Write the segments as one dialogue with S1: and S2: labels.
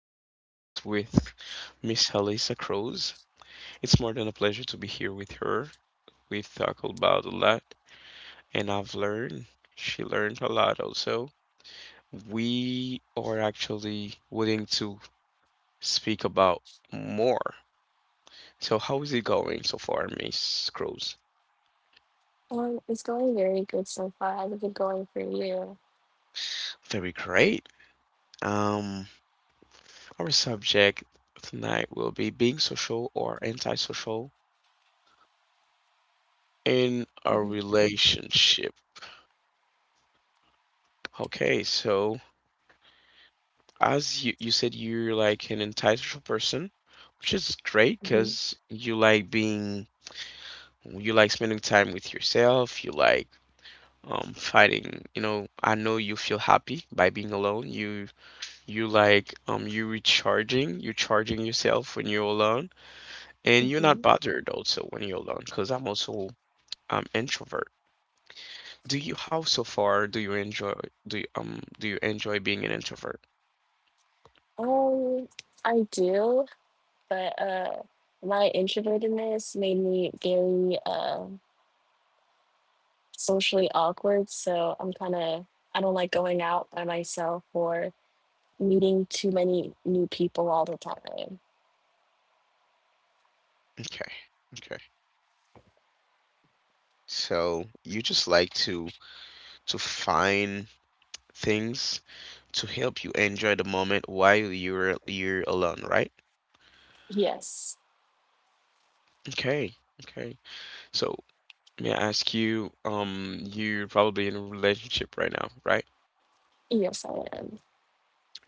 S1: another podcast with Miss Halisa Cruz. It's more than a pleasure to be here with her. We've talked about a lot, and I've learned. She learned a lot also. We are actually willing to speak about more. So, how is it going so far, Miss Cruz?
S2: It's going very good so far. How's it been going for you?
S1: Very great. Um, our subject tonight will be being social or antisocial in a relationship. Okay, so as you said, you're like an insightful person, which is great
S2: hmm
S1: because you like being you like spending time with yourself, you like finding, I know you feel happy by being alone. You like you recharging, you're charging yourself when you're alone, and you're not
S2: hmm
S1: bothered also when you're alone because I'm also introvert. Do you how so far do you enjoy do you enjoy being an introvert?
S2: Um, I do, but my introvertedness made me very socially awkward. So I don't like going out by myself or meeting too many new people all the time.
S1: Okay. Okay. So you just like to find things to help you enjoy the moment while you're alone, right?
S2: Yes,
S1: Okay, okay. So may I ask you, you're probably in a relationship right now, right?
S2: yes, I am.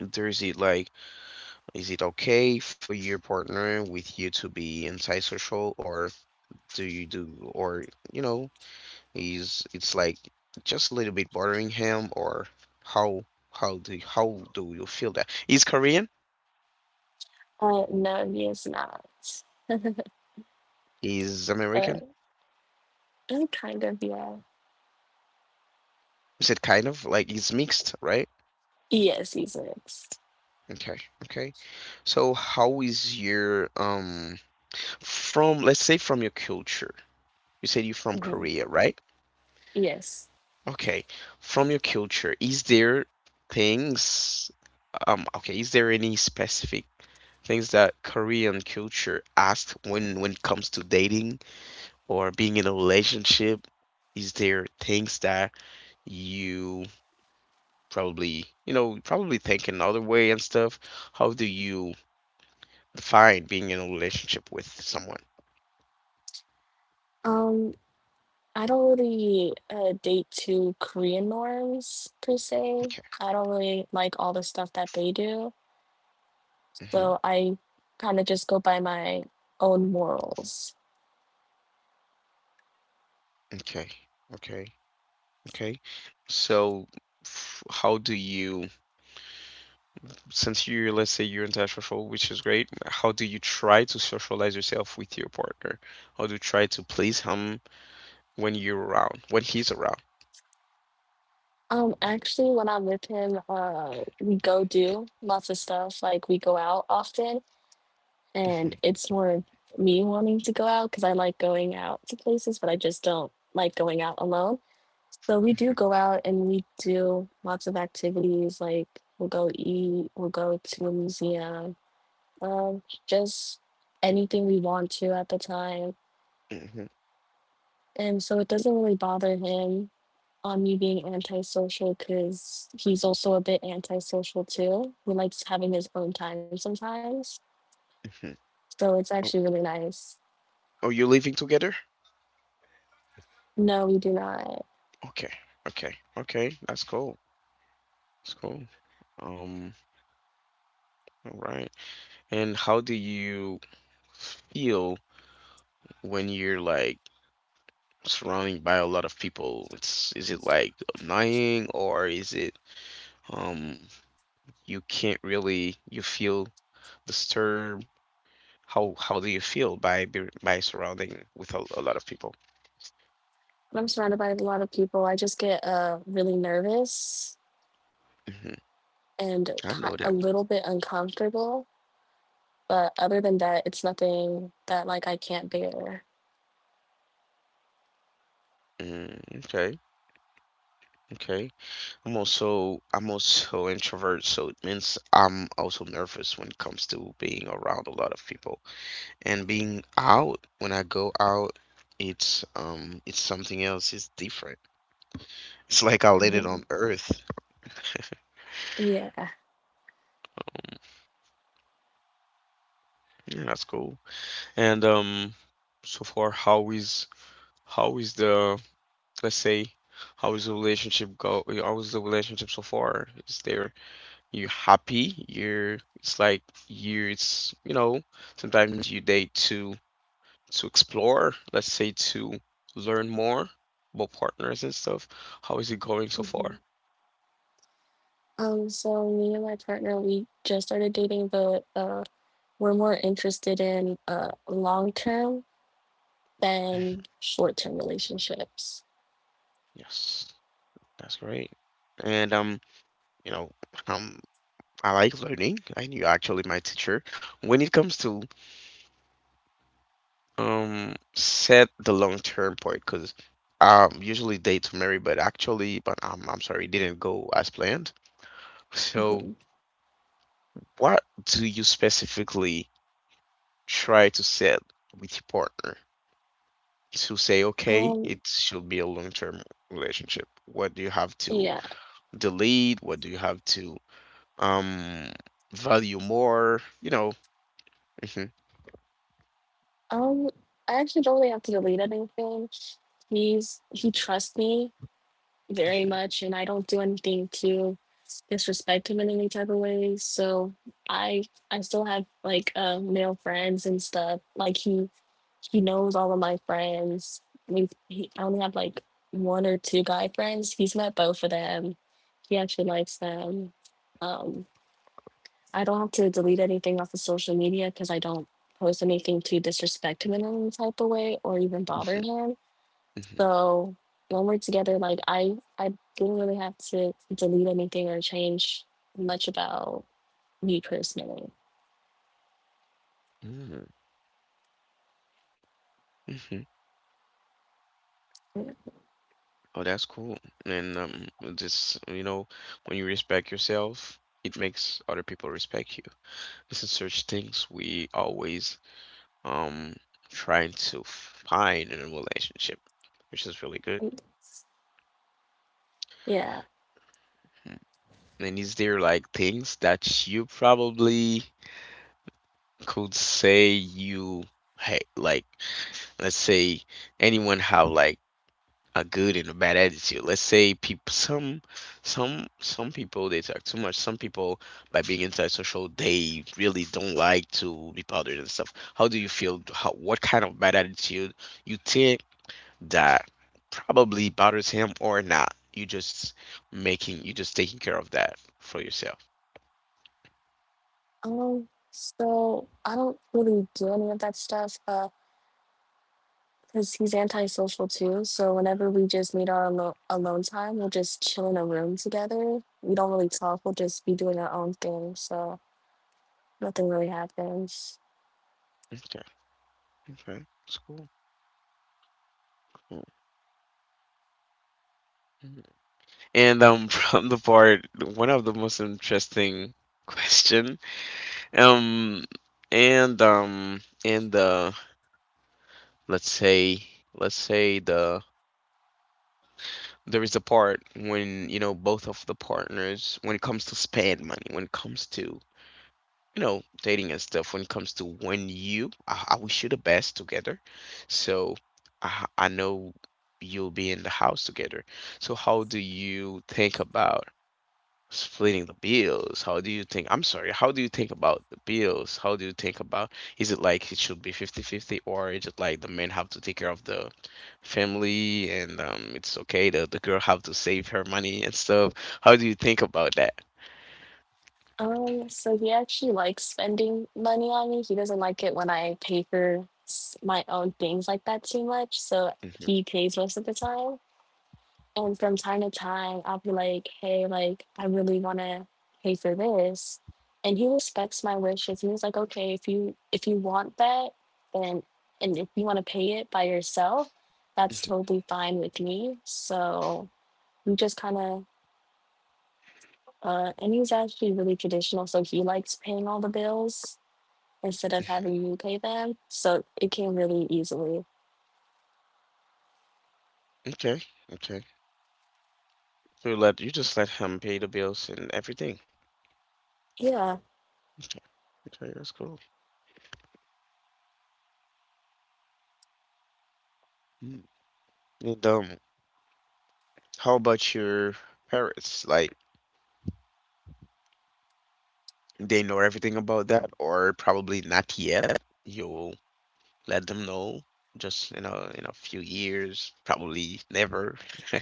S1: There's it like, is it okay for your partner with you to be antisocial, or do you do, or you know, is it's like just a little bit bothering him, or how how do you feel that? He's Korean?
S2: No, he is not.
S1: He's
S2: But
S1: American.
S2: I'm kind of, yeah.
S1: Is it kind of like he's mixed, right?
S2: Yes, he's mixed.
S1: Okay, okay. So how is your from let's say from your culture? You said you're from
S2: hmm
S1: Korea, right?
S2: Yes.
S1: Okay. From your culture, is there things okay, is there any specific things that Korean culture asks when it comes to dating or being in a relationship? Is there things that you probably, probably think another way and stuff. How do you define being in a relationship with someone?
S2: Um, I don't really date to Korean norms per se.
S1: Okay.
S2: I don't really like all the stuff that they do.
S1: Hmm.
S2: So I kind of just go by my own morals.
S1: Okay. Okay. Okay. So, how do you, since you're, let's say you're antisocial, which is great, how do you try to socialize yourself with your partner? How do you try to please him when you're around, when he's around?
S2: Actually, when I'm with him, we go do lots of stuff. Like we go out often, and
S1: Hmm.
S2: it's more of me wanting to go out because I like going out to places, but I just don't like going out alone. So we do go out and we do lots of activities. Like we'll go eat, we'll go to a museum, just anything we want to at the time.
S1: Hmm.
S2: And so it doesn't really bother him on me being antisocial because he's also a bit antisocial too. He likes having his own time sometimes.
S1: Hmm.
S2: So it's actually
S1: Oh,
S2: really nice.
S1: oh, you're living together?
S2: No, we do not.
S1: Okay. Okay. Okay. That's cool. That's cool. Um, All right. And how do you feel when you're like surrounded by a lot of people? It's is it like annoying or is it um you can't really you feel disturbed? How do you feel by by surrounding with a lot of people?
S2: When I'm surrounded by a lot of people, I just get really nervous
S1: Hmm.
S2: and
S1: I know
S2: a
S1: that.
S2: little bit uncomfortable. But other than that, it's nothing that like I can't bear.
S1: Mm, okay. Okay. I'm also introvert, so it means I'm also nervous when it comes to being around a lot of people. And being out, when I go out, it's something else, it's different. It's like I landed
S2: Mhm.
S1: on earth.
S2: Yeah.
S1: Yeah, that's cool. And so far, how is the let's say how is the relationship go how is the relationship so far? Is there you happy you're it's like you it's you know sometimes you date to explore, let's say to learn more about partners and stuff. How is it going so far?
S2: So me and my partner, we just started dating, but we're more interested in long term than short term relationships.
S1: Yes. That's great. And you know, um, I like learning. I knew actually my teacher. When it comes to set the long term part, because usually date to marry, but actually, but I'm sorry, it didn't go as planned. So
S2: Mhm.
S1: what do you specifically try to set with your partner to say, okay,
S2: Um,
S1: it should be a long term relationship? What do you have to
S2: yeah.
S1: delete? What do you have to um value more? You know. Hmm.
S2: Um, I actually don't really have to delete anything. He trusts me very much, and I don't do anything to disrespect him in any type of way. So I I still have like male friends and stuff. Like he knows all of my friends. I mean, I only have like one or two guy friends. He's met both of them. He actually likes them. Um, I don't have to delete anything off of social media because I don't post anything to disrespect him in any type of way or even bother him. So when we're together, like I didn't really have to delete anything or change much about me personally.
S1: Hmm. Hmm. Oh, that's cool. And just you know, when you respect yourself, it makes other people respect you. This is such things we always um trying to find in a relationship, which is really good.
S2: Yeah. I- yeah.
S1: Mm. And is there like things that you probably could say you hate? Like, let's say anyone have like a good and a bad attitude. Let's say people, some people, they talk too much. Some people, by being antisocial, they really don't like to be bothered and stuff. How do you feel? How, what kind of bad attitude you think that probably bothers him or not? You just taking care of that for yourself.
S2: So I don't really do any of that stuff. Because he's antisocial too. So whenever we just need our alone time, we'll just chill in a room together. We don't really talk. We'll just be doing our own thing. So nothing really happens.
S1: Okay, okay, it's cool. Cool. Mhm. And from the part, one of the most interesting question. Um, and let's say let's say the there is a part when you know both of the partners, when it comes to spend money, when it comes to dating and stuff, when it comes to when you I wish you the best together. So I know you'll be in the house together. So how do you think about splitting the bills? How do you think? I'm sorry. How do you think about the bills? How do you think about? Is it like it should be 50 50, or is it like the men have to take care of the family, and it's okay the girl have to save her money and stuff? How do you think about that?
S2: So he actually likes spending money on me. He doesn't like it when I pay for my own things like that too much. So
S1: Hmm.
S2: he pays most of the time. And from time to time, I'll be like, hey, like, I really want to pay for this. And he respects my wishes. And he's like, okay, if you want that, then and if you want to pay it by yourself, that's totally fine with me. So we just and he's actually really traditional, so he likes paying all the bills instead of having me pay them. So it came really easily.
S1: Okay. Okay. You just let him pay the bills and everything.
S2: Yeah.
S1: Okay, that's cool. Mm. And how about your parents? Like, they know everything about that, or probably not yet. You'll let them know just in a few years, probably never.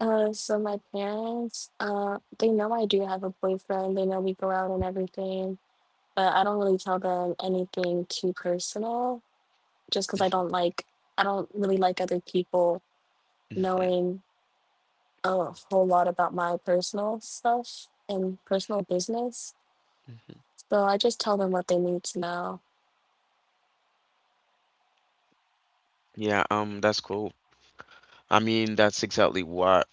S2: So my parents, they know I do have a boyfriend. They know we go out and everything, but I don't really tell them anything too personal, just because I don't really like other people
S1: Mhm,
S2: knowing a whole lot about my personal stuff and personal business.
S1: mhm.
S2: So I just tell them what they need to know.
S1: Yeah, that's cool. I mean, that's exactly what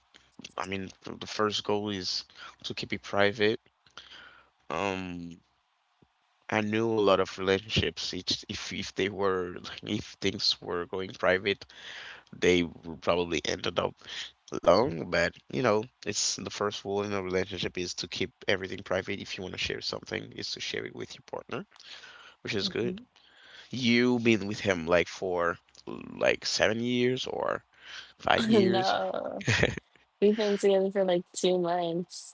S1: I mean. The first goal is to keep it private. Um, I knew a lot of relationships. It's if they were like, if things were going private, they would probably ended up alone. But you know, it's the first rule in a relationship is to keep everything private. If you want to share something, is to share it with your partner, which is
S2: Mhm.
S1: good. You been with him like for like 7 years or five years.
S2: no, we've been together for like 2 months.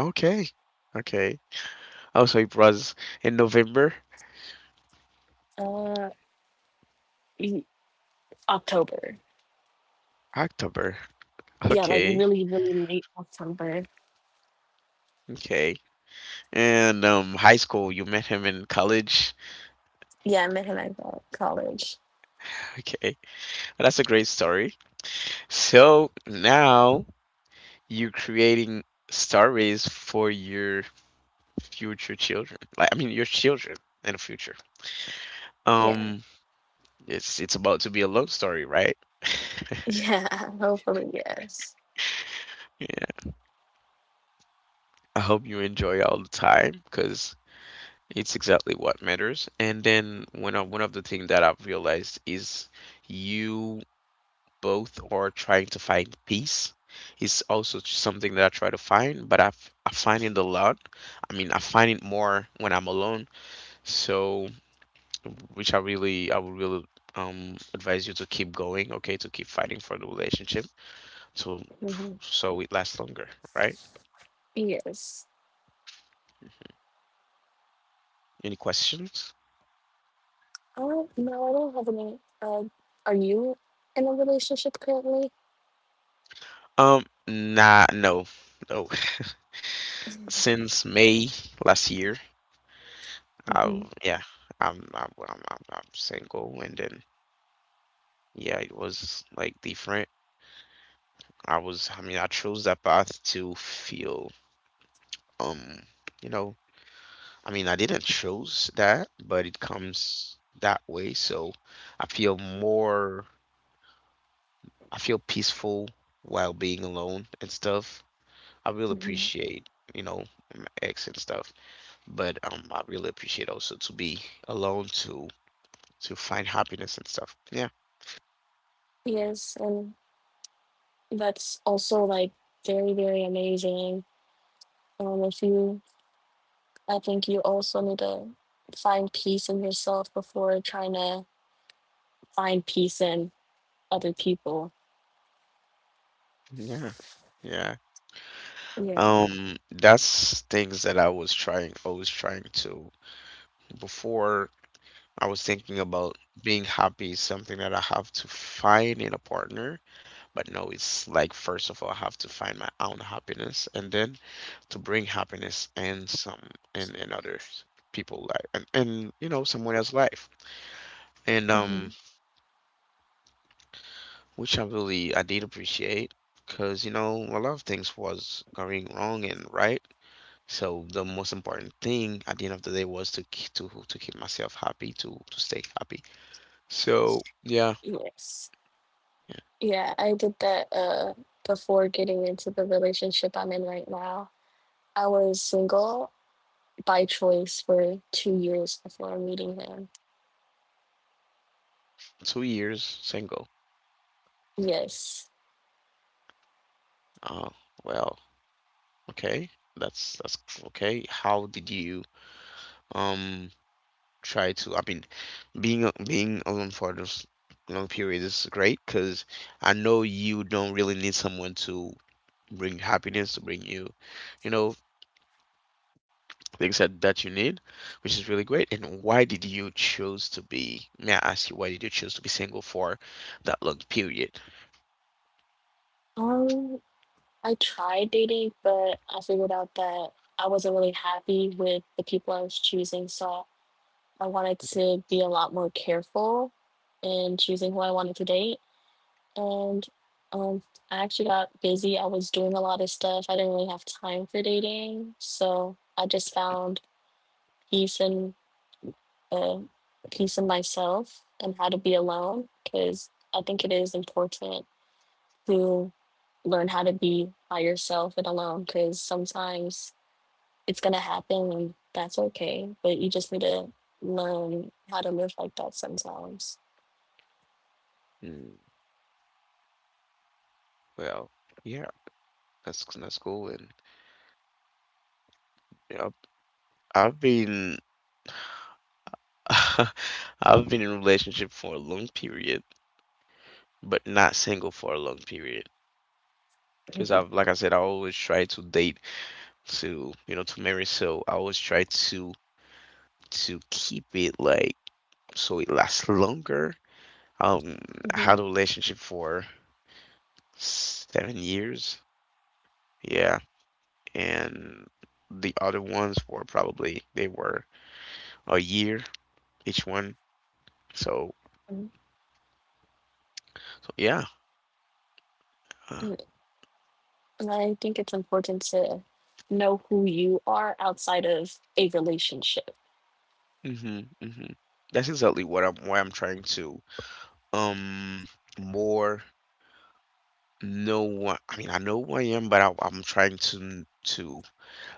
S1: Okay, okay. Oh, so it was in November,
S2: Uh, y- October.
S1: October.
S2: Yeah, like
S1: Okay,
S2: really, really late October.
S1: okay. And high school, you met him in college.
S2: Yeah, I met him at college.
S1: Okay, that's a great story. So now you're creating stories for your future children. Like I mean your children in the future.
S2: Yeah.
S1: Um it's about to be a love story, right?
S2: Yeah, hopefully, yes.
S1: Yeah. I hope you enjoy all the time because it's exactly what matters. And then one of the things that I've realized is you both are trying to find peace. It's also something that I try to find, but I find it a lot. I mean, I find it more when I'm alone. So which I really I would really advise you to keep going, okay, to keep fighting for the relationship to
S2: hmm
S1: so it lasts longer, right?
S2: Yes.
S1: Any questions?
S2: Oh, no, I don't have any. Are you in a relationship currently?
S1: Nah, no, no. Since May last year, I
S2: hmm
S1: yeah, I'm I'm single, and then yeah, it was like different. I mean, I chose that path to feel um you know I mean, I didn't choose that, but it comes that way. So I feel more, I feel peaceful while being alone and stuff. I really
S2: hmm
S1: appreciate, you know, my ex and stuff, but I really appreciate also to be alone to find happiness and stuff. Yeah,
S2: Yes, and that's also like very, very amazing. If you, I think you also need to find peace in yourself before trying to find peace in other people.
S1: yeah, yeah.
S2: Yeah.
S1: That's things that I was trying, always trying to before. I was thinking about being happy is something that I have to find in a partner. But no, it's like first of all, I have to find my own happiness, and then to bring happiness and some and other people life, and you know, someone else's life. And
S2: hmm
S1: which I really I did appreciate, because you know a lot of things was going wrong and right. So the most important thing at the end of the day was to to keep myself happy, to stay happy. So yeah,
S2: Yes.
S1: yeah,
S2: Yeah, I did that before getting into the relationship I'm in right now. I was single by choice for 2 years before meeting him.
S1: 2 years single.
S2: Yes.
S1: Uh, well. Okay, that's okay. How did you um try to? I mean, being being alone for this long period is great because I know you don't really need someone to bring happiness to bring you, you know, things that you need, which is really great. And why did you choose to be? May I ask you, why did you choose to be single for that long period?
S2: Um, I tried dating, but I figured out that I wasn't really happy with the people I was choosing, so I wanted to be a lot more careful in choosing who I wanted to date. And um, I actually got busy. I was doing a lot of stuff. I didn't really have time for dating, so I just found peace in uh, peace in myself and how to be alone. Because I think it is important to learn how to be by yourself and alone. Because sometimes it's gonna happen, and that's okay. But you just need to learn how to live like that sometimes.
S1: Mm, well, yeah, that's cool, and yeah, I've been I've been in a relationship for a long period, but not single for a long period. Because I've, like I said, I always try to date to, you know, to marry. So I always try to keep it like so it lasts longer. Um, I
S2: Mm-hmm.
S1: had a relationship for 7 years, yeah, and the other ones were probably they were a year each one. So, so yeah. Uh,
S2: And I think it's important to know who you are outside of a relationship.
S1: hmm hmm That's exactly what I'm why I'm trying to um more know what I mean, I know who I am, but I'm trying to to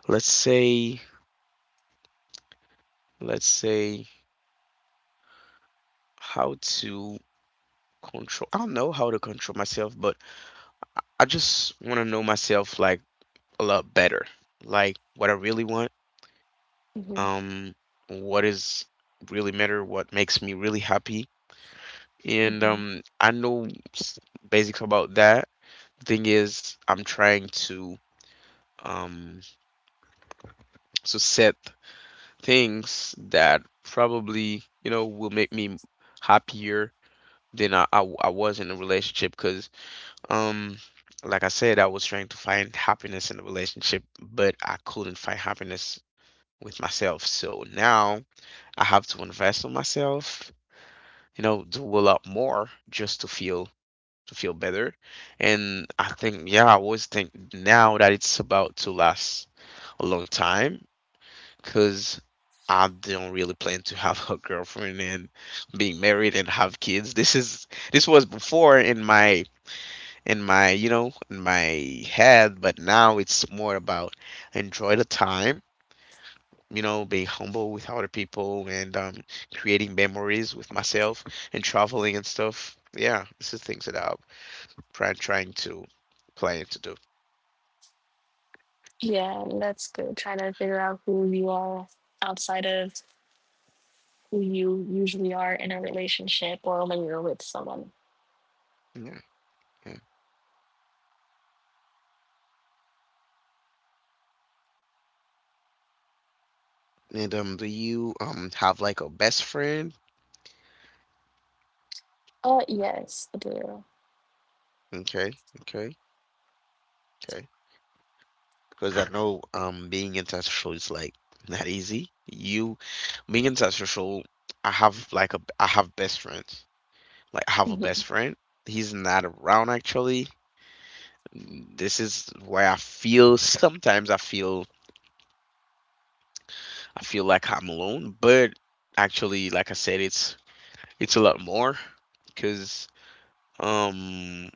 S1: let's say let's say how to control. I don't know how to control myself, but I just want to know myself like a lot better. Like what I really want,
S2: hmm
S1: um what is really matter, what makes me really happy. And
S2: hmm
S1: I know s- basics about that thing is I'm trying um to set things that probably will make me happier than I was in a relationship because um like I said I was trying to find happiness in a relationship but I couldn't find happiness with myself, so now I have to invest in myself, do a lot more just to feel better. And I think, yeah, I always think now that it's about to last a long time because I don't really plan to have a girlfriend and being married and have kids. This was before in my in my head, but now it's more about enjoy the time. You know, being humble with other people and creating memories with myself and traveling and stuff. Yeah, this is things that I'm trying to plan to do.
S2: Yeah, that's good. Trying to figure out who you are outside of who you usually are in a relationship or when you're with someone.
S1: Yeah, yeah. And do you have like a best friend?
S2: Yes, I do.
S1: Okay, okay, okay. Because I know being antisocial is like not easy. You being antisocial, I have like a I have best friends. Like I have a best
S2: hmm
S1: friend. He's not around actually. Mm, this is where I feel sometimes I feel like I'm alone, but actually, like I said, it's a lot more because um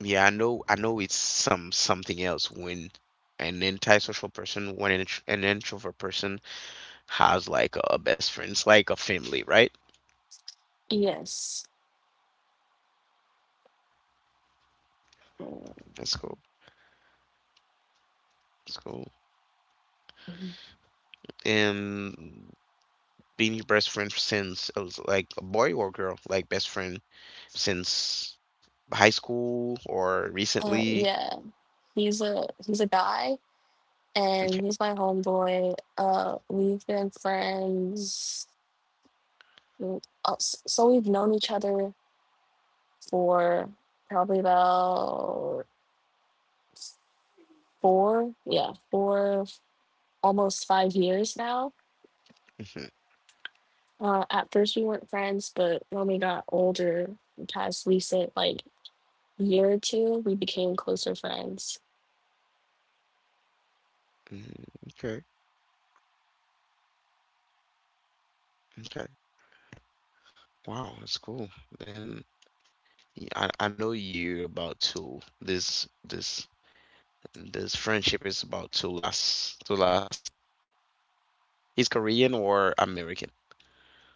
S1: yeah, I know. I know it's some something else when an antisocial person, when an, intr- an introvert person has like a best friend, it's like a family, right?
S2: Yes.
S1: That's cool. That's cool. And being your best friend since it was like a boy or girl, like best friend since high school or recently.
S2: Yeah. He's a guy, and
S1: Okay.
S2: he's my homeboy. We've been friends. So we've known each other for probably about four, almost 5 years now.
S1: Hmm
S2: At first, we weren't friends, but when we got older, past recent like year or two, we became closer friends.
S1: hmm. Okay. Okay. Wow, that's cool. Then yeah, I know you about to This friendship is about to last. He's Korean or American?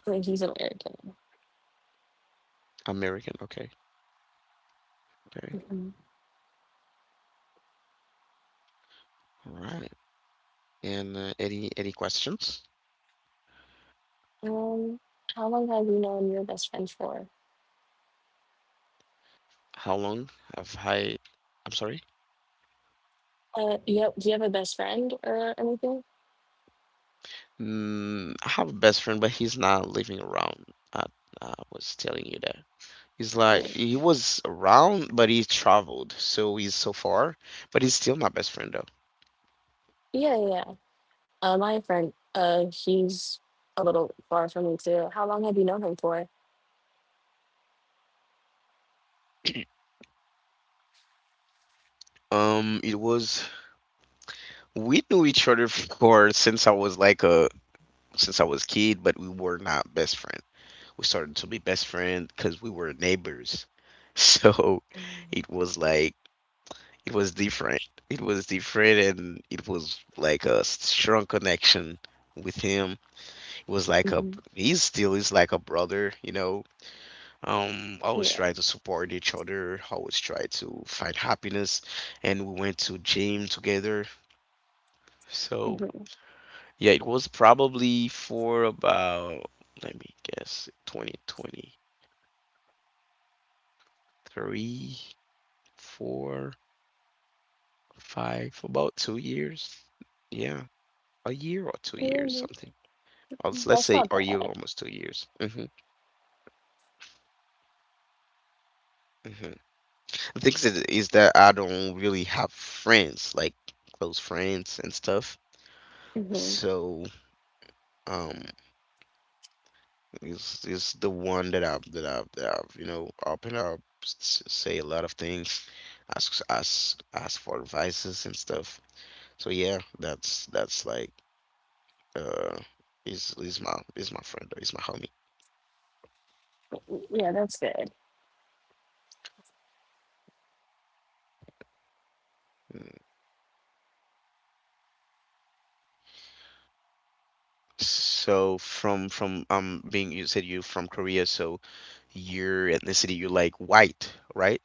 S2: He's American.
S1: American. Okay. Okay.
S2: Mhm.
S1: All right. And any questions?
S2: Um, how long have you known your best friend for?
S1: How long have I? I'm sorry.
S2: You have, do you have a best friend or anything?
S1: Mm, I have a best friend, but he's not living around. I, I was telling you that. He's like
S2: Um,
S1: he was around, but he traveled, so he's so far. But he's still my best friend though.
S2: yeah, yeah. yeah. My friend, he's a little far from me too. How long have you known him for?
S1: It was we knew each other for since I was like a since I was kid, but we were not best friends. We started to be best friends because we were neighbors. So it was like it was different. It was different, and it was like a strong connection with him. It was like a
S2: Mm-hmm.
S1: he still is like a brother, you know. Always
S2: Yeah.
S1: try to support each other. Always try to find happiness, and we went to gym together. So
S2: Mhm.
S1: yeah, it was probably for about let me guess 2023 four Five, about 2 years. Yeah, a year or 2 years,
S2: Yeah,
S1: something. Or let's
S2: that's
S1: say
S2: not
S1: a year,
S2: bad.
S1: almost 2 years. Hmm hmm. The thing is that I don't really have friends, like close friends and stuff.
S2: hmm
S1: So, um, it's the one that I've opened up, say a lot of things, ask for advices and stuff. So yeah, that's like uh, is my friend or is my homie.
S2: Yeah, that's good.
S1: So from being you said you from Korea, so your ethnicity you like white, right?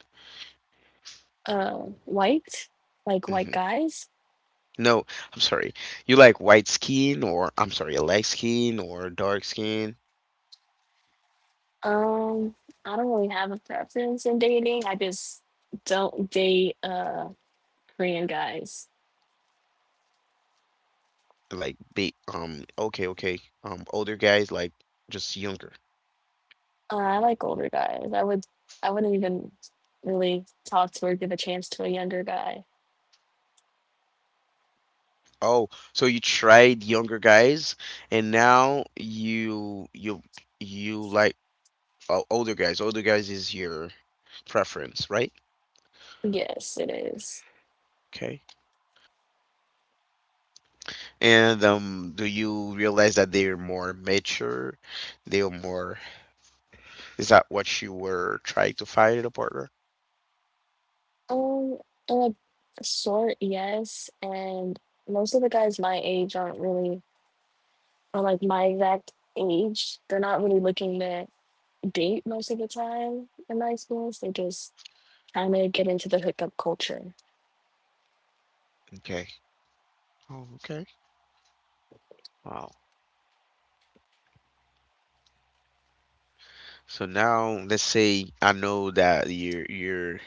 S2: White, like white
S1: Hmm.
S2: guys.
S1: No, I'm sorry. You like white skin or I'm sorry, light skin or dark skin?
S2: Um, I don't really have a preference in dating. I just don't date Korean guys.
S1: Like big okay, okay. Um, older guys like just younger.
S2: I like older guys. I wouldn't even really talk to or give a chance to a younger guy.
S1: Oh, so you tried younger guys and now you like older guys. Older guys is your preference, right?
S2: Yes, it is.
S1: Okay. And do you realize that they're more mature? They're more. Is that what you were trying to find in a partner?
S2: Um, in a short, yes, and most of the guys my age aren't really or like my exact age, they're not really looking to date most of the time in my experience. They're just trying to get into the hookup culture.
S1: Okay. Oh, okay. Wow. So now let's say I know that your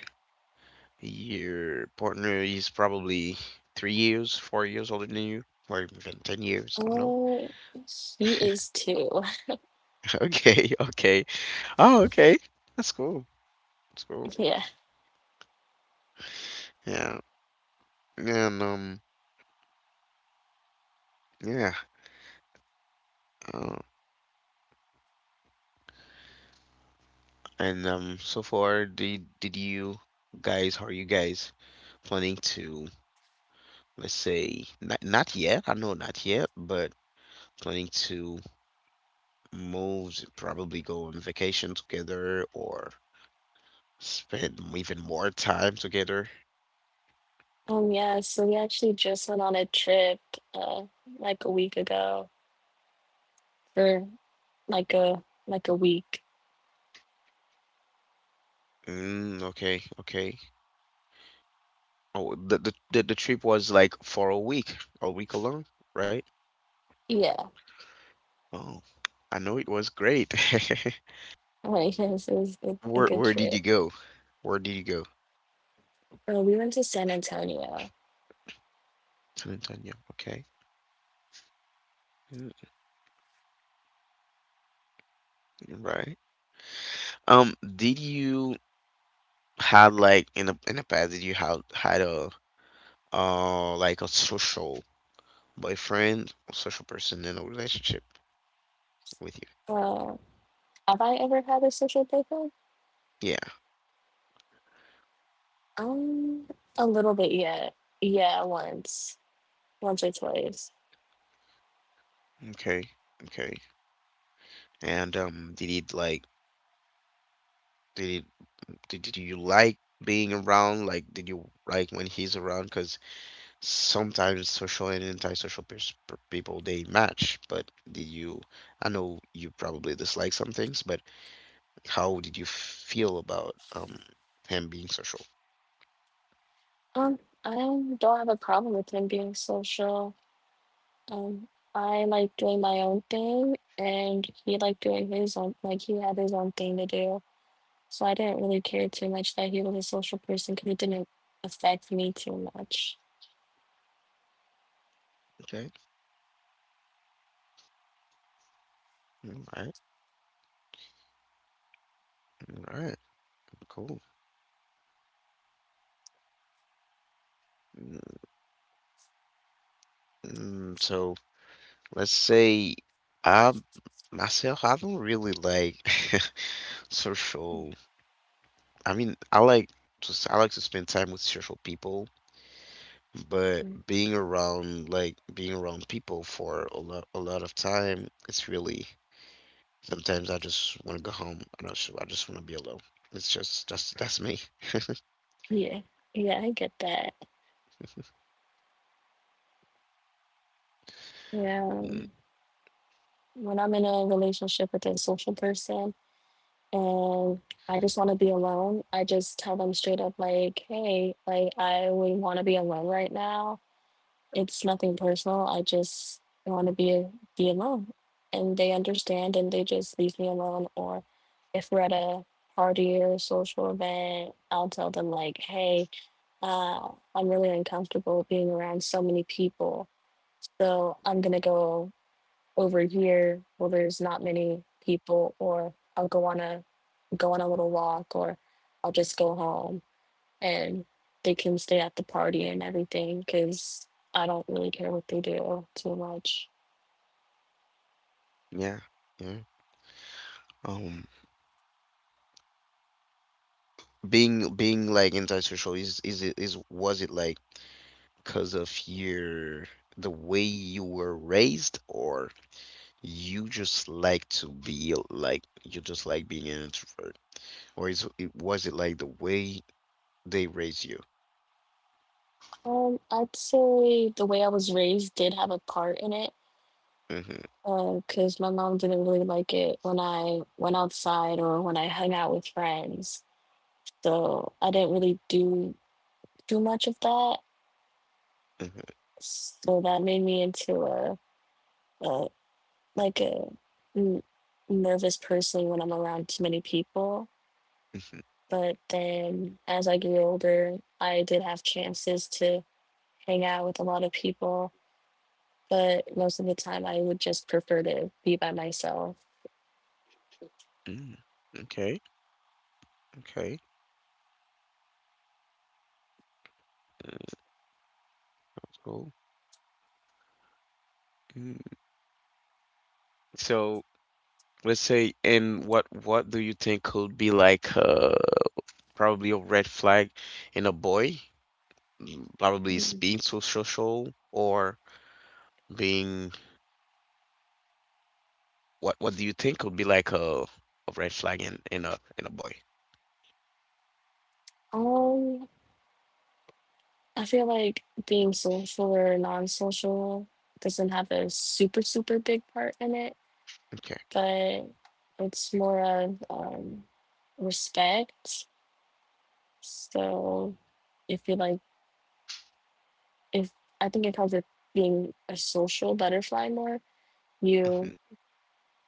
S1: your partner is probably 3 years, 4 years older than you, or even 10 years. I don't know.
S2: Oh, he is too.
S1: Okay. Okay. Oh, okay. That's cool. That's cool.
S2: Yeah.
S1: Yeah. And yeah. uh, and so far, did you guys, how are you guys planning to, let's say, not yet, I know not yet, but planning to move, to probably go on vacation together or spend even more time together?
S2: Yeah. So we actually just went on a trip, uh, like a week ago, for like a like a week.
S1: Mm, okay, okay. Oh, the trip was like for a week alone, right?
S2: Yeah.
S1: Oh, I know it was great.
S2: Like it was a good
S1: Where did you
S2: trip.
S1: go? Where did you go?
S2: We went to San Antonio.
S1: San Antonio. Okay. Mm, right. Did you had like in the past did you had had a like a social boyfriend or social person in a relationship with
S2: Uh, have I ever had a social breakup?
S1: you? Yeah.
S2: Um, a little bit, yeah. Yeah, once. Once or twice.
S1: Okay. Okay. And did it like did it did you like being around? Like did you like when he's around? Because sometimes social and antisocial people they match, but did you I know you probably dislike some things, but how did you feel about him being social?
S2: Um, I don't have a problem with him being social. Um, I like doing my own thing, and he liked doing his own, like he had his own thing to do. So I didn't really care too much that he was a social person because it didn't affect me too much.
S1: Okay. All right. All right. Cool. Mm, so let's say I myself, I don't really like social. I mean, I like to I like to spend time with social people, but
S2: Mhm.
S1: being around like being around people for a lot of time, it's really sometimes I just want to go home. I don't know, I just want to be alone. It's just that's me.
S2: Yeah, yeah, I get that. Yeah,
S1: Mm,
S2: when I'm in a relationship with a social person, and I just want to be alone. I just tell them straight up, like, hey, like, I would want to be alone right now. It's nothing personal. I just want to be alone. And they understand and they just leave me alone. Or if we're at a party or social event, I'll tell them, like, hey, uh, I'm really uncomfortable being around so many people. So I'm going to go over here where there's not many people, or I'll go on a little walk or I'll just go home and they can stay at the party and everything because I don't really care what they do too much.
S1: yeah. Yeah. Um, being like antisocial is it is was it like because of your the way you were raised or you just like to be like you just like being an introvert or is it was it like the way they raise you?
S2: I'd say the way I was raised did have a part in it
S1: Mm-hmm,
S2: because my mom didn't really like it when I went outside or when I hung out with friends. So I didn't really do too much of that.
S1: mm-hmm,
S2: So that made me into a like a n- nervous person when I'm around too many people.
S1: mm-hmm,
S2: But then as I grew older, I did have chances to hang out with a lot of people, but most of the time I would just prefer to be by myself.
S1: mm. Okay, okay, mm, that's cool. Mm. So let's say, and what do you think could be like probably a red flag in a boy? Mm, probably is
S2: Mhm.
S1: being so social or being what do you think would be like a red flag in in a boy?
S2: Um, I feel like being social or non social doesn't have a super, super big part in it,
S1: Okay.
S2: but it's more of respect. So if you like, if I think it comes with being a social butterfly more,
S1: Hmm
S2: you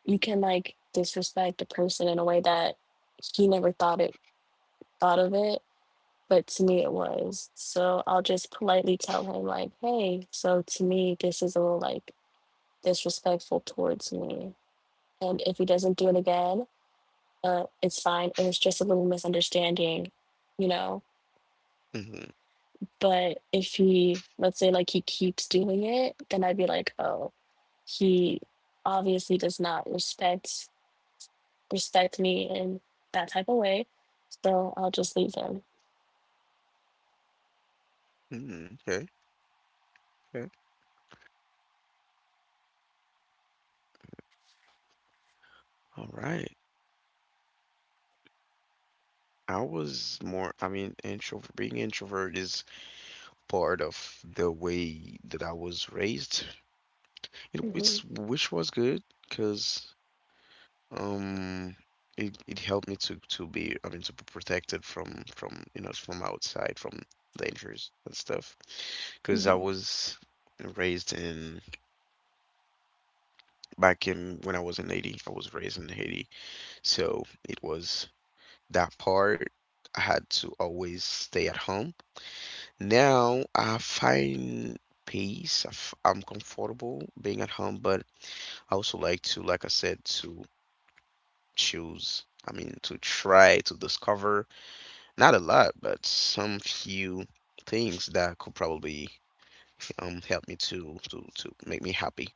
S2: you can like disrespect a person in a way that he never thought of it. But to me it was so I'll just politely tell him like, hey, so to me, this is a little, like, disrespectful towards me. And if he doesn't do it again, it's fine, it was just a little misunderstanding you know
S1: hmm
S2: but if he let's say like he keeps doing it, then I'd be like, oh, he obviously does not respect me in that type of way. So I'll just leave them.
S1: hmm. Okay. Okay. All right. I was more, I mean, introvert, being introvert is part of the way that I was raised.
S2: Hmm.
S1: It's which was good because um it helped me to be, I mean, to be protected from from outside from dangers and stuff. Because I
S2: Hmm.
S1: was raised in back in when I was in Haiti. I was raised in Haiti, so it was that part. I had to always stay at home. Now I find peace. I'm comfortable being at home, but I also like to, like I said, to choose. I mean, to try to discover not a lot, but some few things that could probably help me to to make me happy.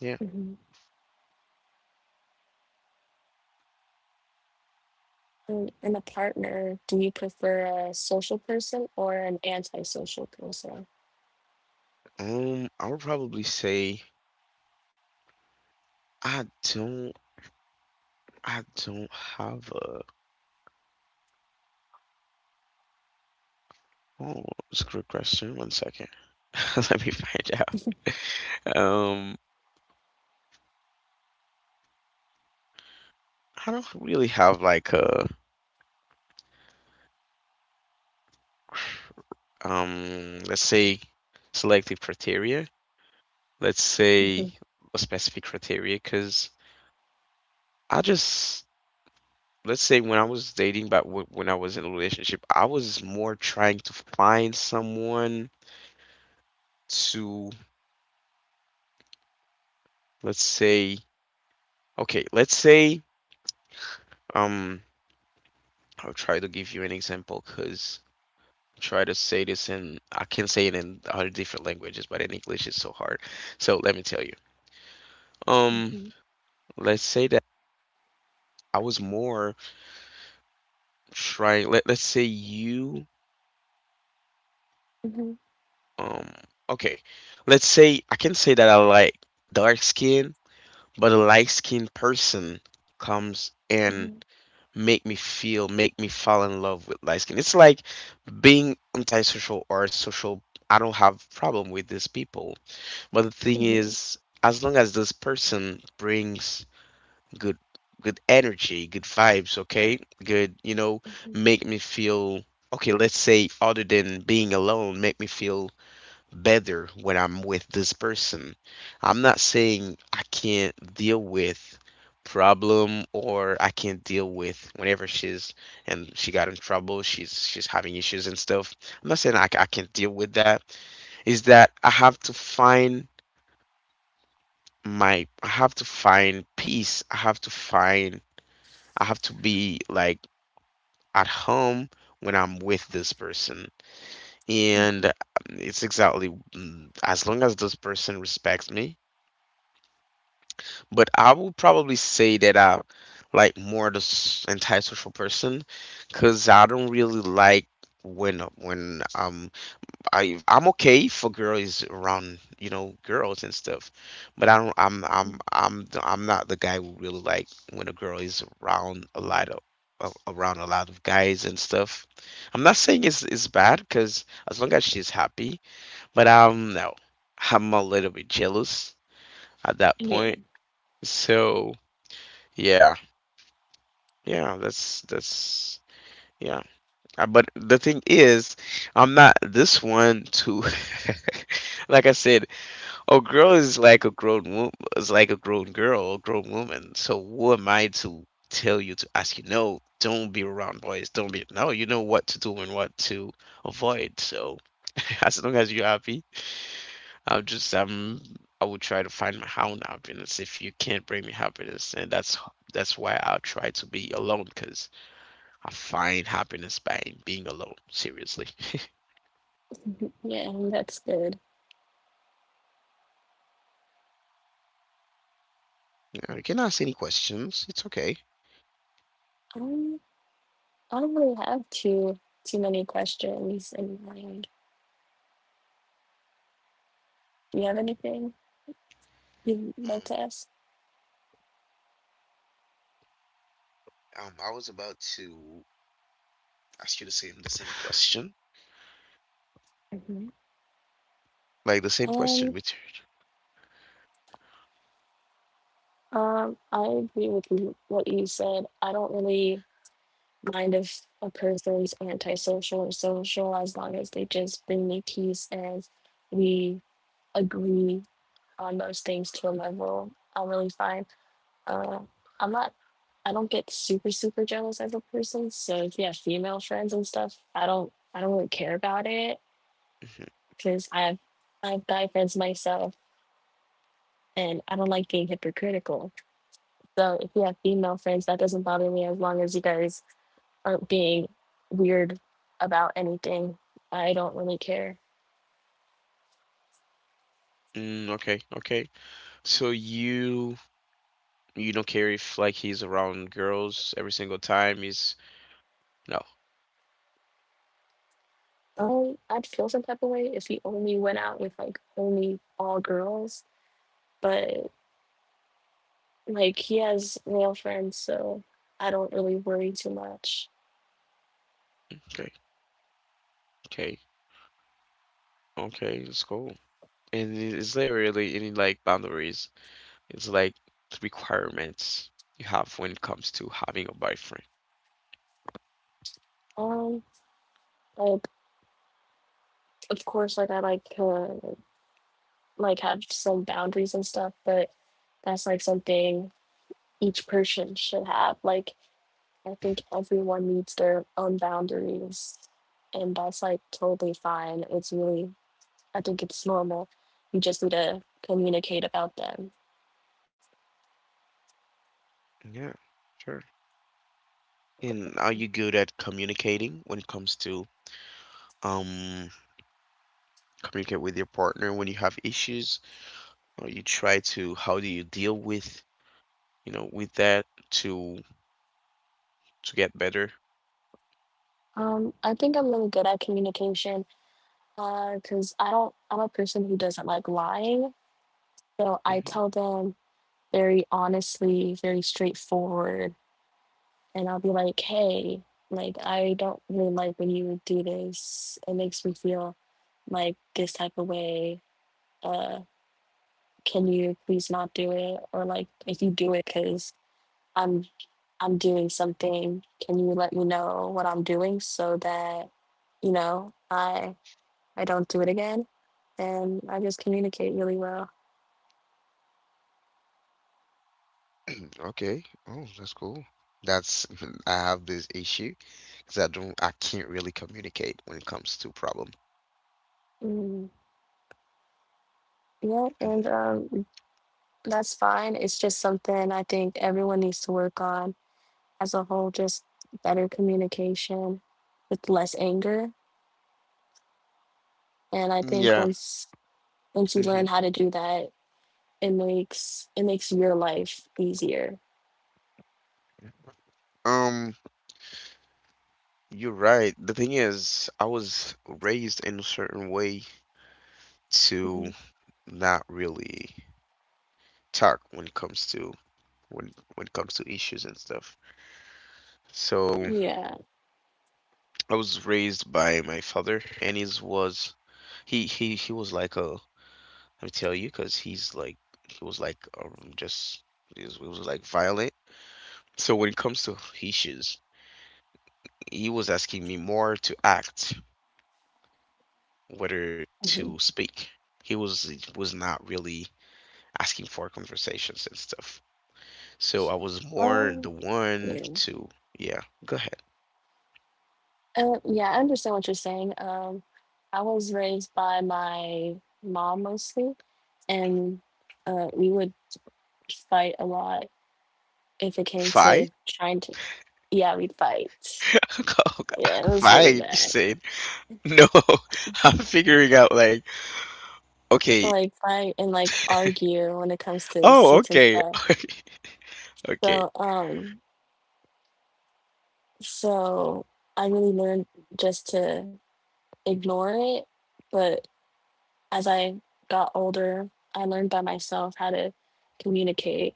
S1: Yeah.
S2: Hmm. And in a partner, do you prefer a social person or an antisocial person?
S1: I would probably say I don't I don't have a oh, that's a good question. One second. Let me find out. Um, I don't really have like a cr- let's say selective criteria. Let's
S2: Hmm.
S1: say a specific criteria because I just let's say when I was dating, but when I was in a relationship, I was more trying to find someone to let's say okay, let's say um, I'll try to give you an example because try to say this in I can say it in other different languages, but in English it's so hard. So let me tell you. Um,
S2: Hmm.
S1: let's say that I was more trying. Let let's say you.
S2: Hmm.
S1: Um, okay. Let's say I can say that I like dark skin. But a light-skinned person comes
S2: Hmm.
S1: and make me feel, make me fall in love with light skin. It's like being antisocial or social. I don't have problem with these people. But the thing
S2: Hmm.
S1: is, as long as this person brings good good energy, good vibes, okay? Good, you know, make me feel okay, let's say other than being alone, make me feel better when I'm with this person. I'm not saying I can't deal with problem or I can't deal with whenever she's and she got in trouble, she's having issues and stuff. I'm not saying I can't deal with that. Is that I have to find my I have to find peace. I have to find I have to be like at home when I'm with this person. And
S2: Hmm.
S1: It's exactly as long as this person respects me, but I will probably say that I like more the antisocial person, because I don't really like when I'm okay for girls around, you know, girls and stuff, but I don't
S2: Hmm.
S1: I'm the- I'm not the guy who really like when a girl is around a lot of around a lot of guys and stuff. I'm not saying it's bad, because as long as she's happy. But no, I'm a little bit jealous at that
S2: Yeah.
S1: point. So. Yeah, yeah, that's yeah. But the thing is, I'm not this one to, like I said, a girl is like a grown woman, is like a grown girl, a grown woman. So who am I to tell you, to ask you, no, don't be around boys, don't be, no, you know what to do and what to avoid. So as long as you're happy, I'm just I will try to find my own happiness. If you can't bring me happiness, and that's why I'll try to be alone, because I find happiness by being alone. Seriously.
S2: Mhm. Yeah, that's good.
S1: Now, you can ask any questions. It's okay.
S2: Um, I don't really have too many questions in mind. Do you have anything you'd like
S1: Um,
S2: to ask?
S1: I was about to ask you the same question,
S2: Hmm.
S1: like the same question
S2: Um,
S1: with.
S2: I agree with you, what you said. I don't really mind if a person's antisocial or social as long as they just bring me peace and we agree on those things to a level. I'm really fine. Uh, I'm not, I don't get super, super jealous as a person. So if you have female friends and stuff, I don't really care about it
S1: Mhm.
S2: because I have guy friends myself, and I don't like being hypocritical. So if you have female friends, that doesn't bother me as long as you guys aren't being weird about anything. I don't really care.
S1: Mm, okay, okay. So you don't care if like he's around girls every single time. He's no.
S2: I'd feel some type of way if he only went out with like only all girls, but like he has male friends, so I don't really worry too much.
S1: Okay. Okay. Okay. It's cool. And is there really any like boundaries? It's like requirements you have when it comes to having a boyfriend.
S2: Um, like, of course, like I like to like have some boundaries and stuff, but that's like something each person should have. Like, I think everyone needs their own boundaries, and that's like totally fine. It's really, I think it's normal. You just need to communicate about them.
S1: Yeah, sure. And are you good at communicating when it comes to um communicate with your partner when you have issues? Or you try to, how do you deal with, you know, with that to to get better?
S2: I think I'm really good at communication because I don't. I'm a person who doesn't like lying, so I
S1: Hmm.
S2: tell them very honestly, very straightforward, and I'll be like, "Hey, like, I don't really like when you do this. It makes me feel like this type of way." Uh, can you please not do it, or like, if you do it because i'm I'm doing something, can you let me know what I'm doing so that you know I don't do it again? And I just communicate really well.
S1: Okay. Oh, that's cool. That's I have this issue because I can't really communicate when it comes to problem.
S2: mm, yeah, and
S1: Hmm.
S2: that's fine. It's just something I think everyone needs to work on as a whole, just better communication with less anger. And I think
S1: Yeah.
S2: once you
S1: Hmm.
S2: learn how to do that, it makes your life easier.
S1: Um, you're right. The thing is, I was raised in a certain way
S2: Hmm.
S1: to not really talk when it comes to, when it comes to issues and stuff. So
S2: Yeah.
S1: I was raised by my father, and he was, he was like, a let me tell you, because he's like, he was like, just he was like violent. So when it comes to issues, he was asking me more to act, whether to
S2: Hmm.
S1: speak. He was not really asking for conversations and stuff. So I was more the
S2: Um,
S1: one
S2: yeah.
S1: to, yeah, go ahead.
S2: Yeah, I understand what you're saying. I was raised by my mom mostly, and we would fight a lot if it came to
S1: Fight?
S2: trying to. Yeah, we'd fight. Yeah, it was really
S1: Fight, you
S2: bad.
S1: said. No, I'm figuring out like, okay,
S2: Like, fight and like argue when it comes to
S1: oh,
S2: certain
S1: okay,
S2: stuff.
S1: okay.
S2: So, um, so I really learned just to ignore it. But as I got older, I learned by myself how to communicate.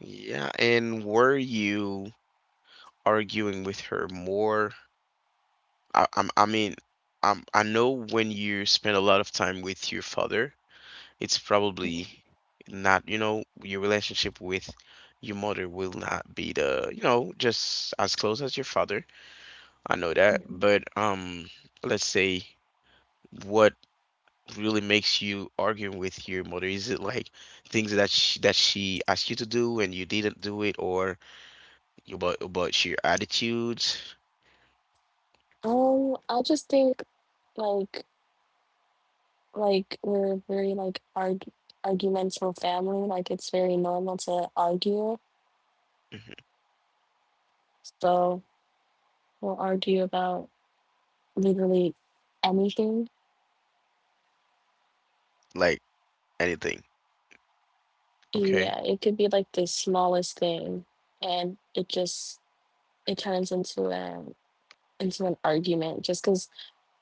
S1: Yeah, and were you arguing with her more? I mean, I'm, I know when you spend a lot of time with your father, it's probably not, you know, your relationship with your mother will not be the, you know, just as close as your father. I know that,
S2: Mhm.
S1: but let's say, what really makes you arguing with your mother? Is it like things that that she asked you to do and you didn't do it, or about your attitudes?
S2: I just think like like we're a very like argumentative family. Like, it's very normal to argue.
S1: Mhm.
S2: So we'll argue about literally anything.
S1: Like anything? Okay.
S2: Yeah, it could be like the smallest thing, and it just it turns into a into an argument just because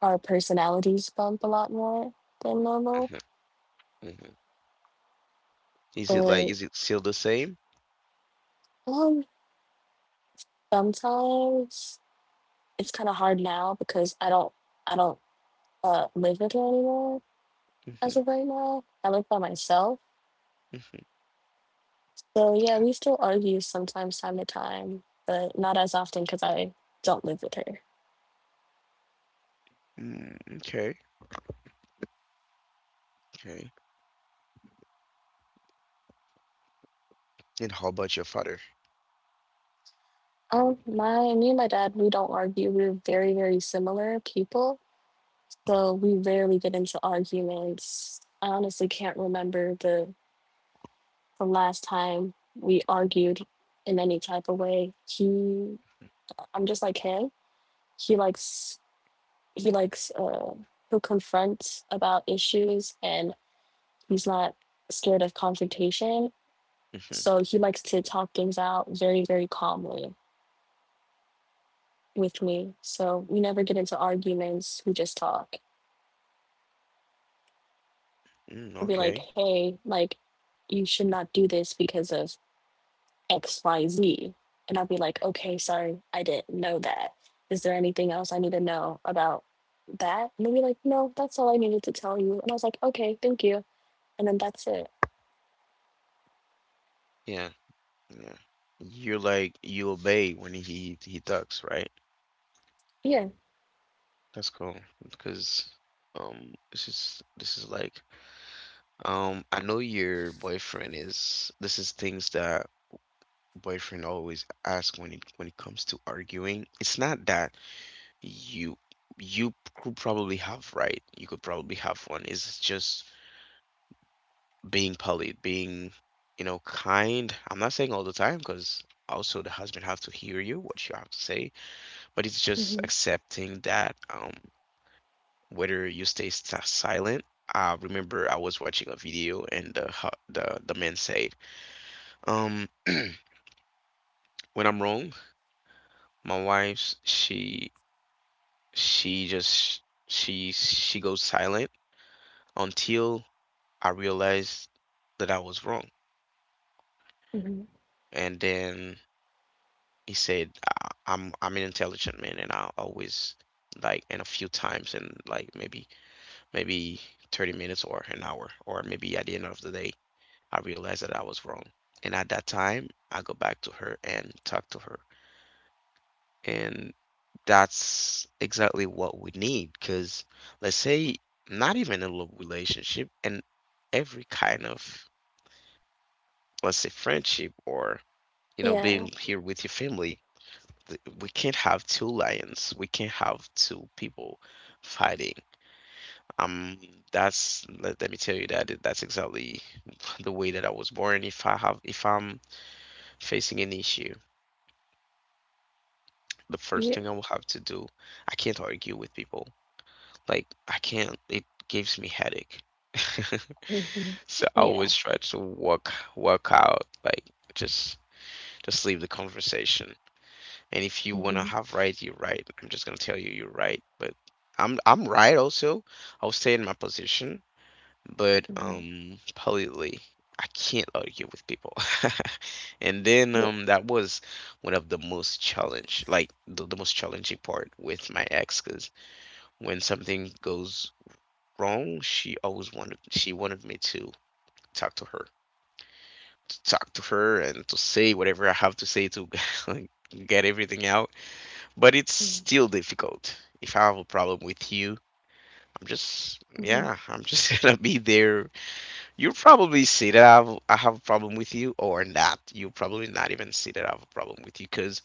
S2: our personalities bump a lot more than normal.
S1: Hmm. Hmm. Is it like,
S2: But
S1: is it still the same?
S2: um, sometimes it's kind of hard now because I don't live with her anymore as
S1: Hmm.
S2: of right now. I live by myself. So yeah, we still argue sometimes, time to time, but not as often because I don't live with her.
S1: Mm, okay, okay. And how about your father?
S2: My Me and my dad, we don't argue. We're very, very similar people, so we rarely get into arguments. I honestly can't remember the last time we argued in any type of way. He I'm just like him. he likes he likes uh He'll confront about issues, and he's not scared of confrontation,
S1: Hmm.
S2: so he likes to talk things out very, very calmly with me. So we never get into arguments, we just talk.
S1: Mm,
S2: I'll be like,
S1: okay.
S2: hey, like, you should not do this because of XYZ. And I will be like, okay, sorry, I didn't know that. Is there anything else I need to know about that? And they will be like, no, that's all I needed to tell you. And I was like, okay, thank you. And then that's it.
S1: Yeah, yeah. You're like, you obey when he talks, right?
S2: Yeah.
S1: That's cool because this is, this is like, I know your boyfriend is, this is things that boyfriend always ask when it comes to arguing. It's not that you you could probably have right. You could probably have one. It's just being polite, being, you know, kind. I'm not saying all the time, because also the husband have to hear you what you have to say, but it's just
S2: Hmm.
S1: accepting that whether you stay sta silent. I remember I was watching a video and the the man said, um, when I'm wrong, my wife's, she just she goes silent until I realized that I was wrong.
S2: Hmm.
S1: And then he said, I'm an intelligent man, and I always like, and a few times, and like maybe 30 minutes or an hour, or maybe at the end of the day, I realized that I was wrong. And at that time, I go back to her and talk to her. And that's exactly what we need. Because let's say, not even a love relationship, and every kind of, let's say, friendship or, you know, being
S2: Yeah.
S1: here with your family, we can't have two lions. We can't have two people fighting. Um, that's, let, let me tell you that that's exactly the way that I was born. If I have, if I'm facing an issue, the first
S2: Yeah.
S1: thing I will have to do. I can't argue with people. Like I can't. It gives me headache. So I
S2: Yeah.
S1: always try to work out like just leave the conversation. And if you wanna have right, you're right. I'm just gonna tell you you're right. But I'm right also. I'll stay in my position but
S2: Hmm.
S1: politely, I can't argue with people. And then
S2: Yeah.
S1: that was one of the most challenge, like the most challenging part with my ex, because when something goes wrong, she wanted me to talk to her to talk to her and to say whatever I have to say to get everything out. But it's still difficult. If I have a problem with you, I'm just yeah,
S2: Mhm.
S1: I'm just gonna be there. You probably see that I have a problem with you, or not. You probably not even see that I have a problem with you, because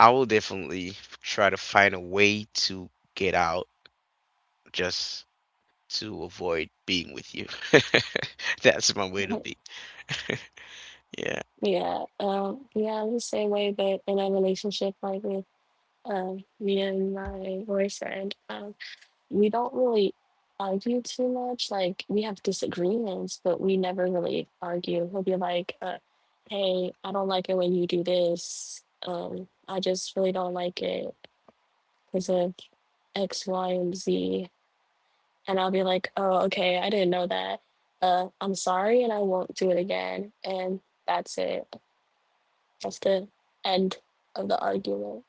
S1: I will definitely try to find a way to get out just to avoid being with you. That's my way to be. Yeah,
S2: Yeah, yeah, I'm the same way, but in a relationship, like with me and my boyfriend, we don't really argue too much. Like, we have disagreements, but we never really argue. He'll be like, "Hey, I don't like it when you do this. I just really don't like it because of X, Y, and Z." And I'll be like, "Oh, okay, I didn't know that. I'm sorry, and I won't do it again." And that's it. That's the end of the argument.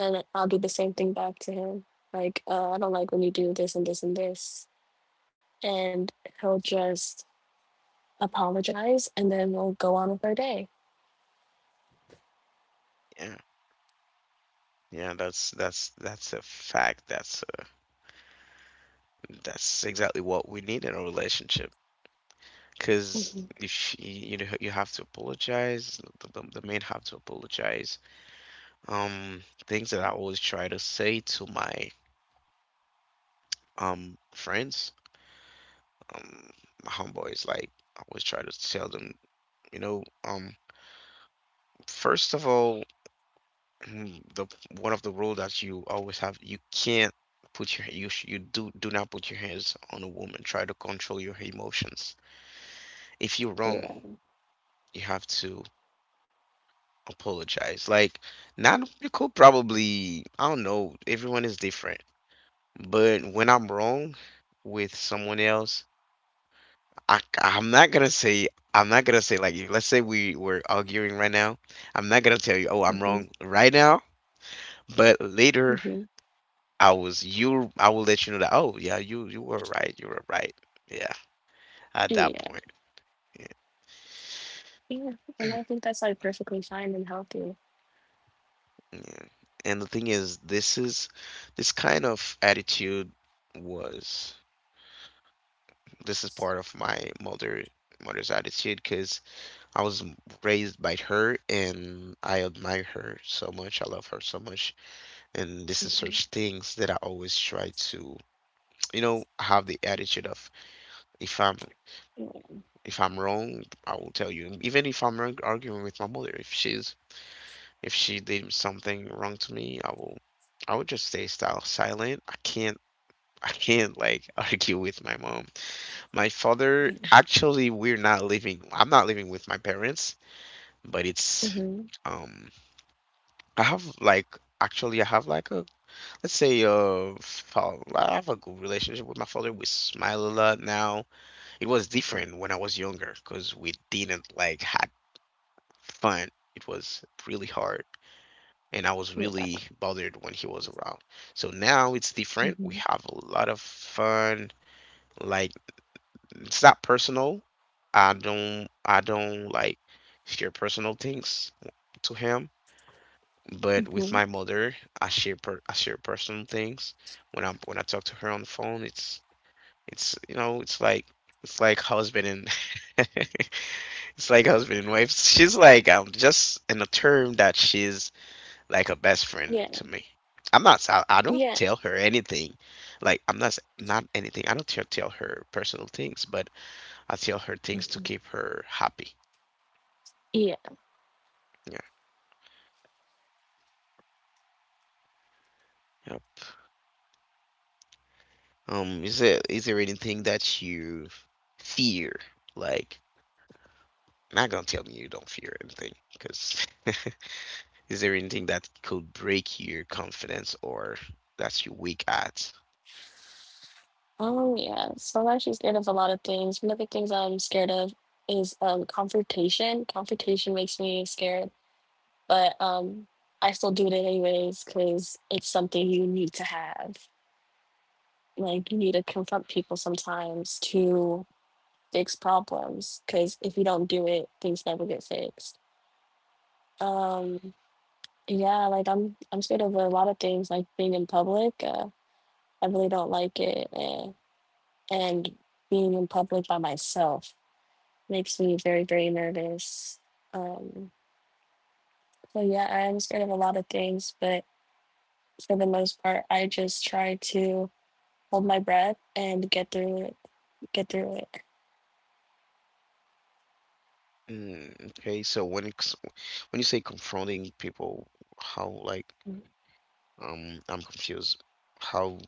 S2: And I'll do the same thing back to him. Like, I don't like when you do this and this and this, and he'll just apologize, and then we'll go on with our day.
S1: yeah, yeah. That's a fact. That's exactly what we need in a relationship. Because
S2: Mhm.
S1: if you, you know, you have to apologize, the men have to apologize. Um, things that I always try to say to my friends, um, my homeboys, like I always try to tell them, you know, first of all, the one of the rule that you always have, you can't put your you sh- you do do not put your hands on a woman. Try to control your emotions. If you're wrong,
S2: Yeah.
S1: you have to apologize. Like, not you could probably, I don't know. Everyone is different, but when I'm wrong with someone else, I'm not gonna say, like you. Let's say we were arguing right now. I'm not gonna tell you, oh, I'm
S2: Hmm.
S1: wrong right now. But later,
S2: Hmm.
S1: I was you. I will let you know that. Oh, yeah, you were right. You were right. Yeah, at that
S2: Yeah.
S1: point. Yeah,
S2: Yeah. And I think that's like perfectly fine and healthy.
S1: yeah. And the thing is, this is, this kind of attitude was, this is part of my mother's attitude, because I was raised by her and I admire her so much. I love her so much. And this is
S2: Hmm.
S1: such things that I always try to, you know, have the attitude of, if I'm, if I'm wrong, I will tell you. Even if I'm wrong, arguing with my mother, if she's, if she did something wrong to me, I would just stay style silent. I can't I can't like argue with my mom. My father,
S2: Yeah.
S1: actually, we're not living, I'm not living with my parents, but it's,
S2: Hmm.
S1: um I have like, actually I have like a let's say fall, I have a good relationship with my father. We smile a lot now. It was different when I was younger because we didn't like had fun. It was really hard and I was
S2: Yeah.
S1: really bothered when he was around. So now it's different. We
S2: Hmm.
S1: have a lot of fun. Like it's not personal. I don't like share personal things to him. But with
S2: Hmm.
S1: my mother, I share personal things. When I talk to her on the phone, it's you know, it's like, it's like husband and it's like husband and wife. She's like, just in a term that she's like a best friend
S2: Yeah.
S1: to me. I'm not s- I don't
S2: Yeah.
S1: tell her anything. Like I'm not s- not anything. I don't tell her personal things, but I tell her things to
S2: Hmm.
S1: keep her happy.
S2: Yeah.
S1: Yeah. Yep. Is there, is there anything that you fear? Like, not gonna tell me you don't fear anything, because is there anything that could break your confidence or that you're weak at?
S2: Oh, yeah. So I'm actually scared of a lot of things. One of the things I'm scared of is confrontation. Confrontation makes me scared, but I still do it anyways because it's something you need to have. Like, you need to confront people sometimes to fix problems, because if you don't do it, things never get fixed. um yeah, like I'm scared of a lot of things, like being in public. I really don't like it, and being in public by myself makes me very, very nervous. um so yeah, I am scared of a lot of things, but for the most part, I just try to hold my breath and get through it, get through it.
S1: Mm, okay, so when it's, when you say confronting people, how like, I'm confused. How,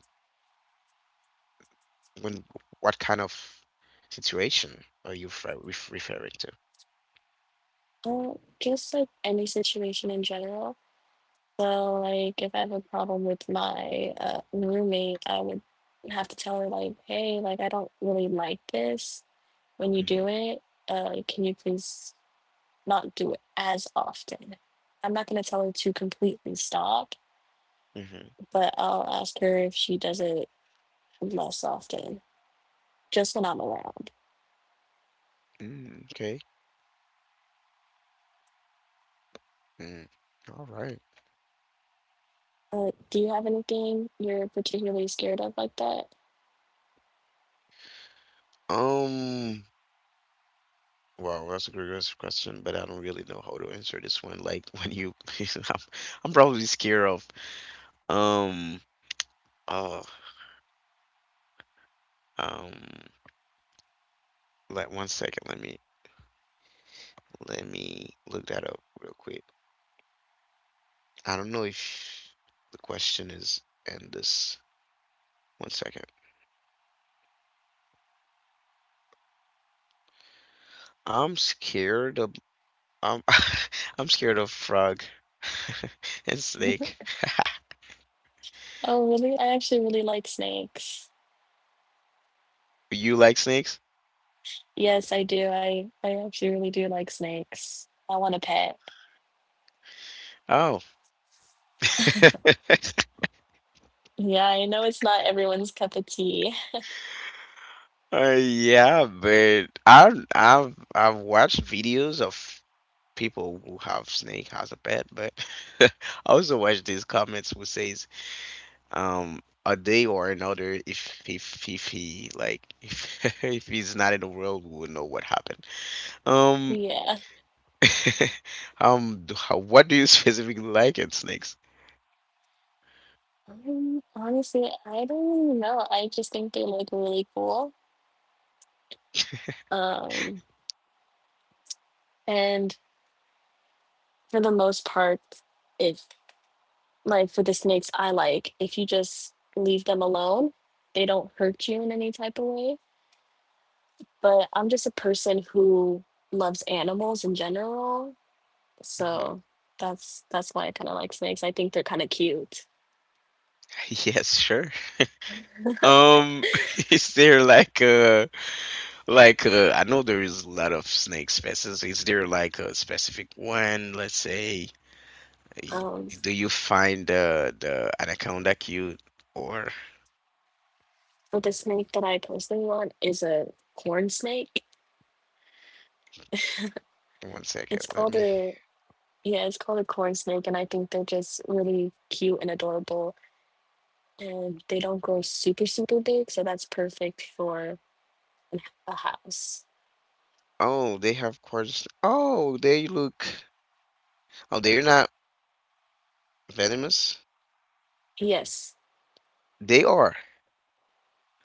S1: when, what kind of situation are you referring to?
S2: Well, just like any situation in general. So, like, if I have a problem with my roommate, I would have to tell her, like, hey, like, I don't really like this when you
S1: Mm-hmm.
S2: do it. Like, can you please not do it as often? I'm not going to tell her to completely stop,
S1: Mm-hmm.
S2: but I'll ask her if she does it less often, just when I'm around.
S1: Mm, okay. Mm, all right.
S2: Do you have anything you're particularly scared of like that?
S1: Um, wow, that's a great question, but I don't really know how to answer this one. Like when you, I'm, I'm probably scared of. Um. Oh. Um. Like one second. Let me look that up real quick. I don't know if the question is in this. One second. I'm scared of. I'm I'm scared of frog and snake.
S2: Oh, really? I actually really like snakes.
S1: You like snakes?
S2: Yes, I do. I actually really do like snakes. I want a pet.
S1: Oh.
S2: Yeah, I know it's not everyone's cup of tea.
S1: Yeah, but I've watched videos of people who have snake as a pet, but I also watch these comments who says a day or another, if he like, if he's not in the world, we will know what happened. Um
S2: Yeah.
S1: what do you specifically like in snakes?
S2: Honestly, I don't really know. I just think they look really cool. Um, and for the most part, if like for the snakes I like, if you just leave them alone, they don't hurt you in any type of way. But I'm just a person who loves animals in general.
S1: Mhm.
S2: So that's why I kind of like snakes. I think they're kind of cute.
S1: Yes, sure. Um, is there like a, like I know there is a lot of snake species. Is there like a specific one? Let's say, y-
S2: Um,
S1: do you find the anaconda cute? Or
S2: but the snake that I personally want is a corn snake.
S1: one second,
S2: It's
S1: let
S2: called
S1: me.
S2: a Yeah, it's called a corn snake, and I think they're just really cute and adorable. And they don't grow super, super big, so that's perfect for a house.
S1: Oh, they have quarters. Oh, they look. Oh, they're not venomous.
S2: Yes,
S1: They are.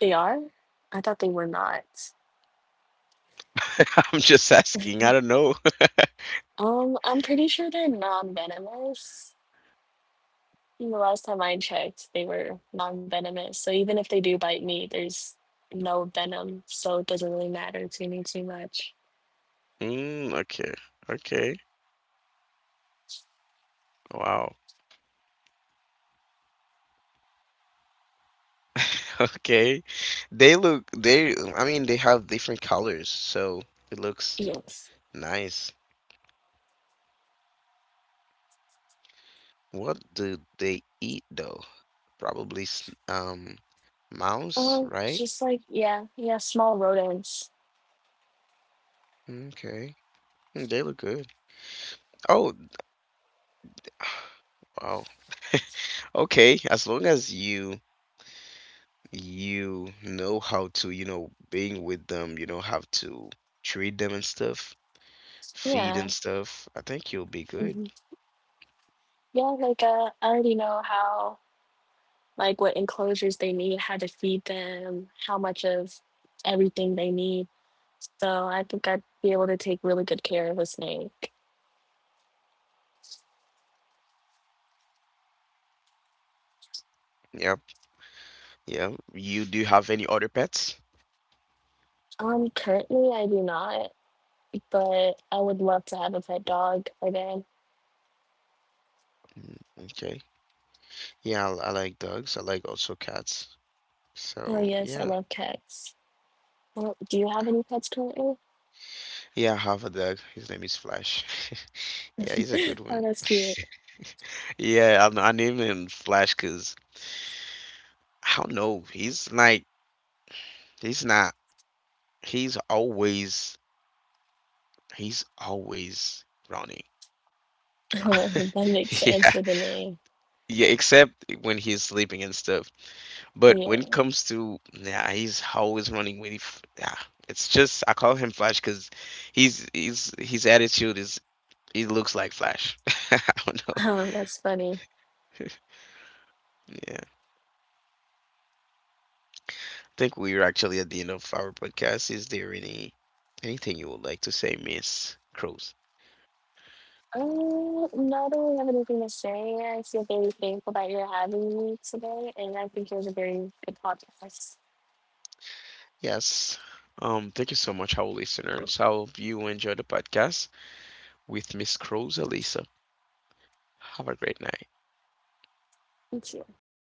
S2: they are. I thought they were not.
S1: I'm just asking. I don't know.
S2: I'm pretty sure they're non-venomous. And the last time I checked, they were non-venomous. So even if they do bite me, there's no venom, so it doesn't really matter to me too much.
S1: Mm, okay. Okay. Wow. Okay. They look. They. I mean, they have different colors, so it looks
S2: Yes.
S1: nice. What do they eat though? Probably mouse, right?
S2: Just like yeah, yeah, small rodents.
S1: Okay. Hmm, they look good. Oh, wow. Okay, as long as you, you know how to, you know, being with them, you know, have to treat them and stuff, feed
S2: Yeah.
S1: and stuff, I think you'll be good.
S2: Mhm. Yeah. Like, I already know how, like, what enclosures they need, how to feed them, how much of everything they need. So I think I'd be able to take really good care of a snake.
S1: Yep. Yeah. You do you have any other pets?
S2: Currently I do not. But I would love to have a pet dog again.
S1: Mm, okay. Yeah, I like dogs. I like also cats.
S2: Oh,
S1: So,
S2: yes, I
S1: yeah.
S2: love cats. Well, do you have any pets currently?
S1: Yeah, I have a dog. His name is Flash. Yeah, he's a good
S2: Oh,
S1: one.
S2: that's cute.
S1: Yeah, I named him Flash because I don't know. He's like, he's not, he's always, he's always running.
S2: Oh, that makes sense
S1: Yeah,
S2: for the name.
S1: yeah, except when he's sleeping and stuff. But when it
S2: Yeah,
S1: comes to, yeah, he's always running with, yeah, it's just, I call him Flash because his attitude is, he looks like Flash. I don't know.
S2: oh, that's funny.
S1: Yeah. Think we are actually at the end of our podcast. Is there any anything you would like to say, Miss Cruz?
S2: Not really have anything to say. I feel very thankful that you're having me today, and I think it was a very good podcast.
S1: Yes. Thank you so much, our listeners. I hope you enjoyed the podcast with Miss Cruz Elisa. Have a great night.
S2: Thank you.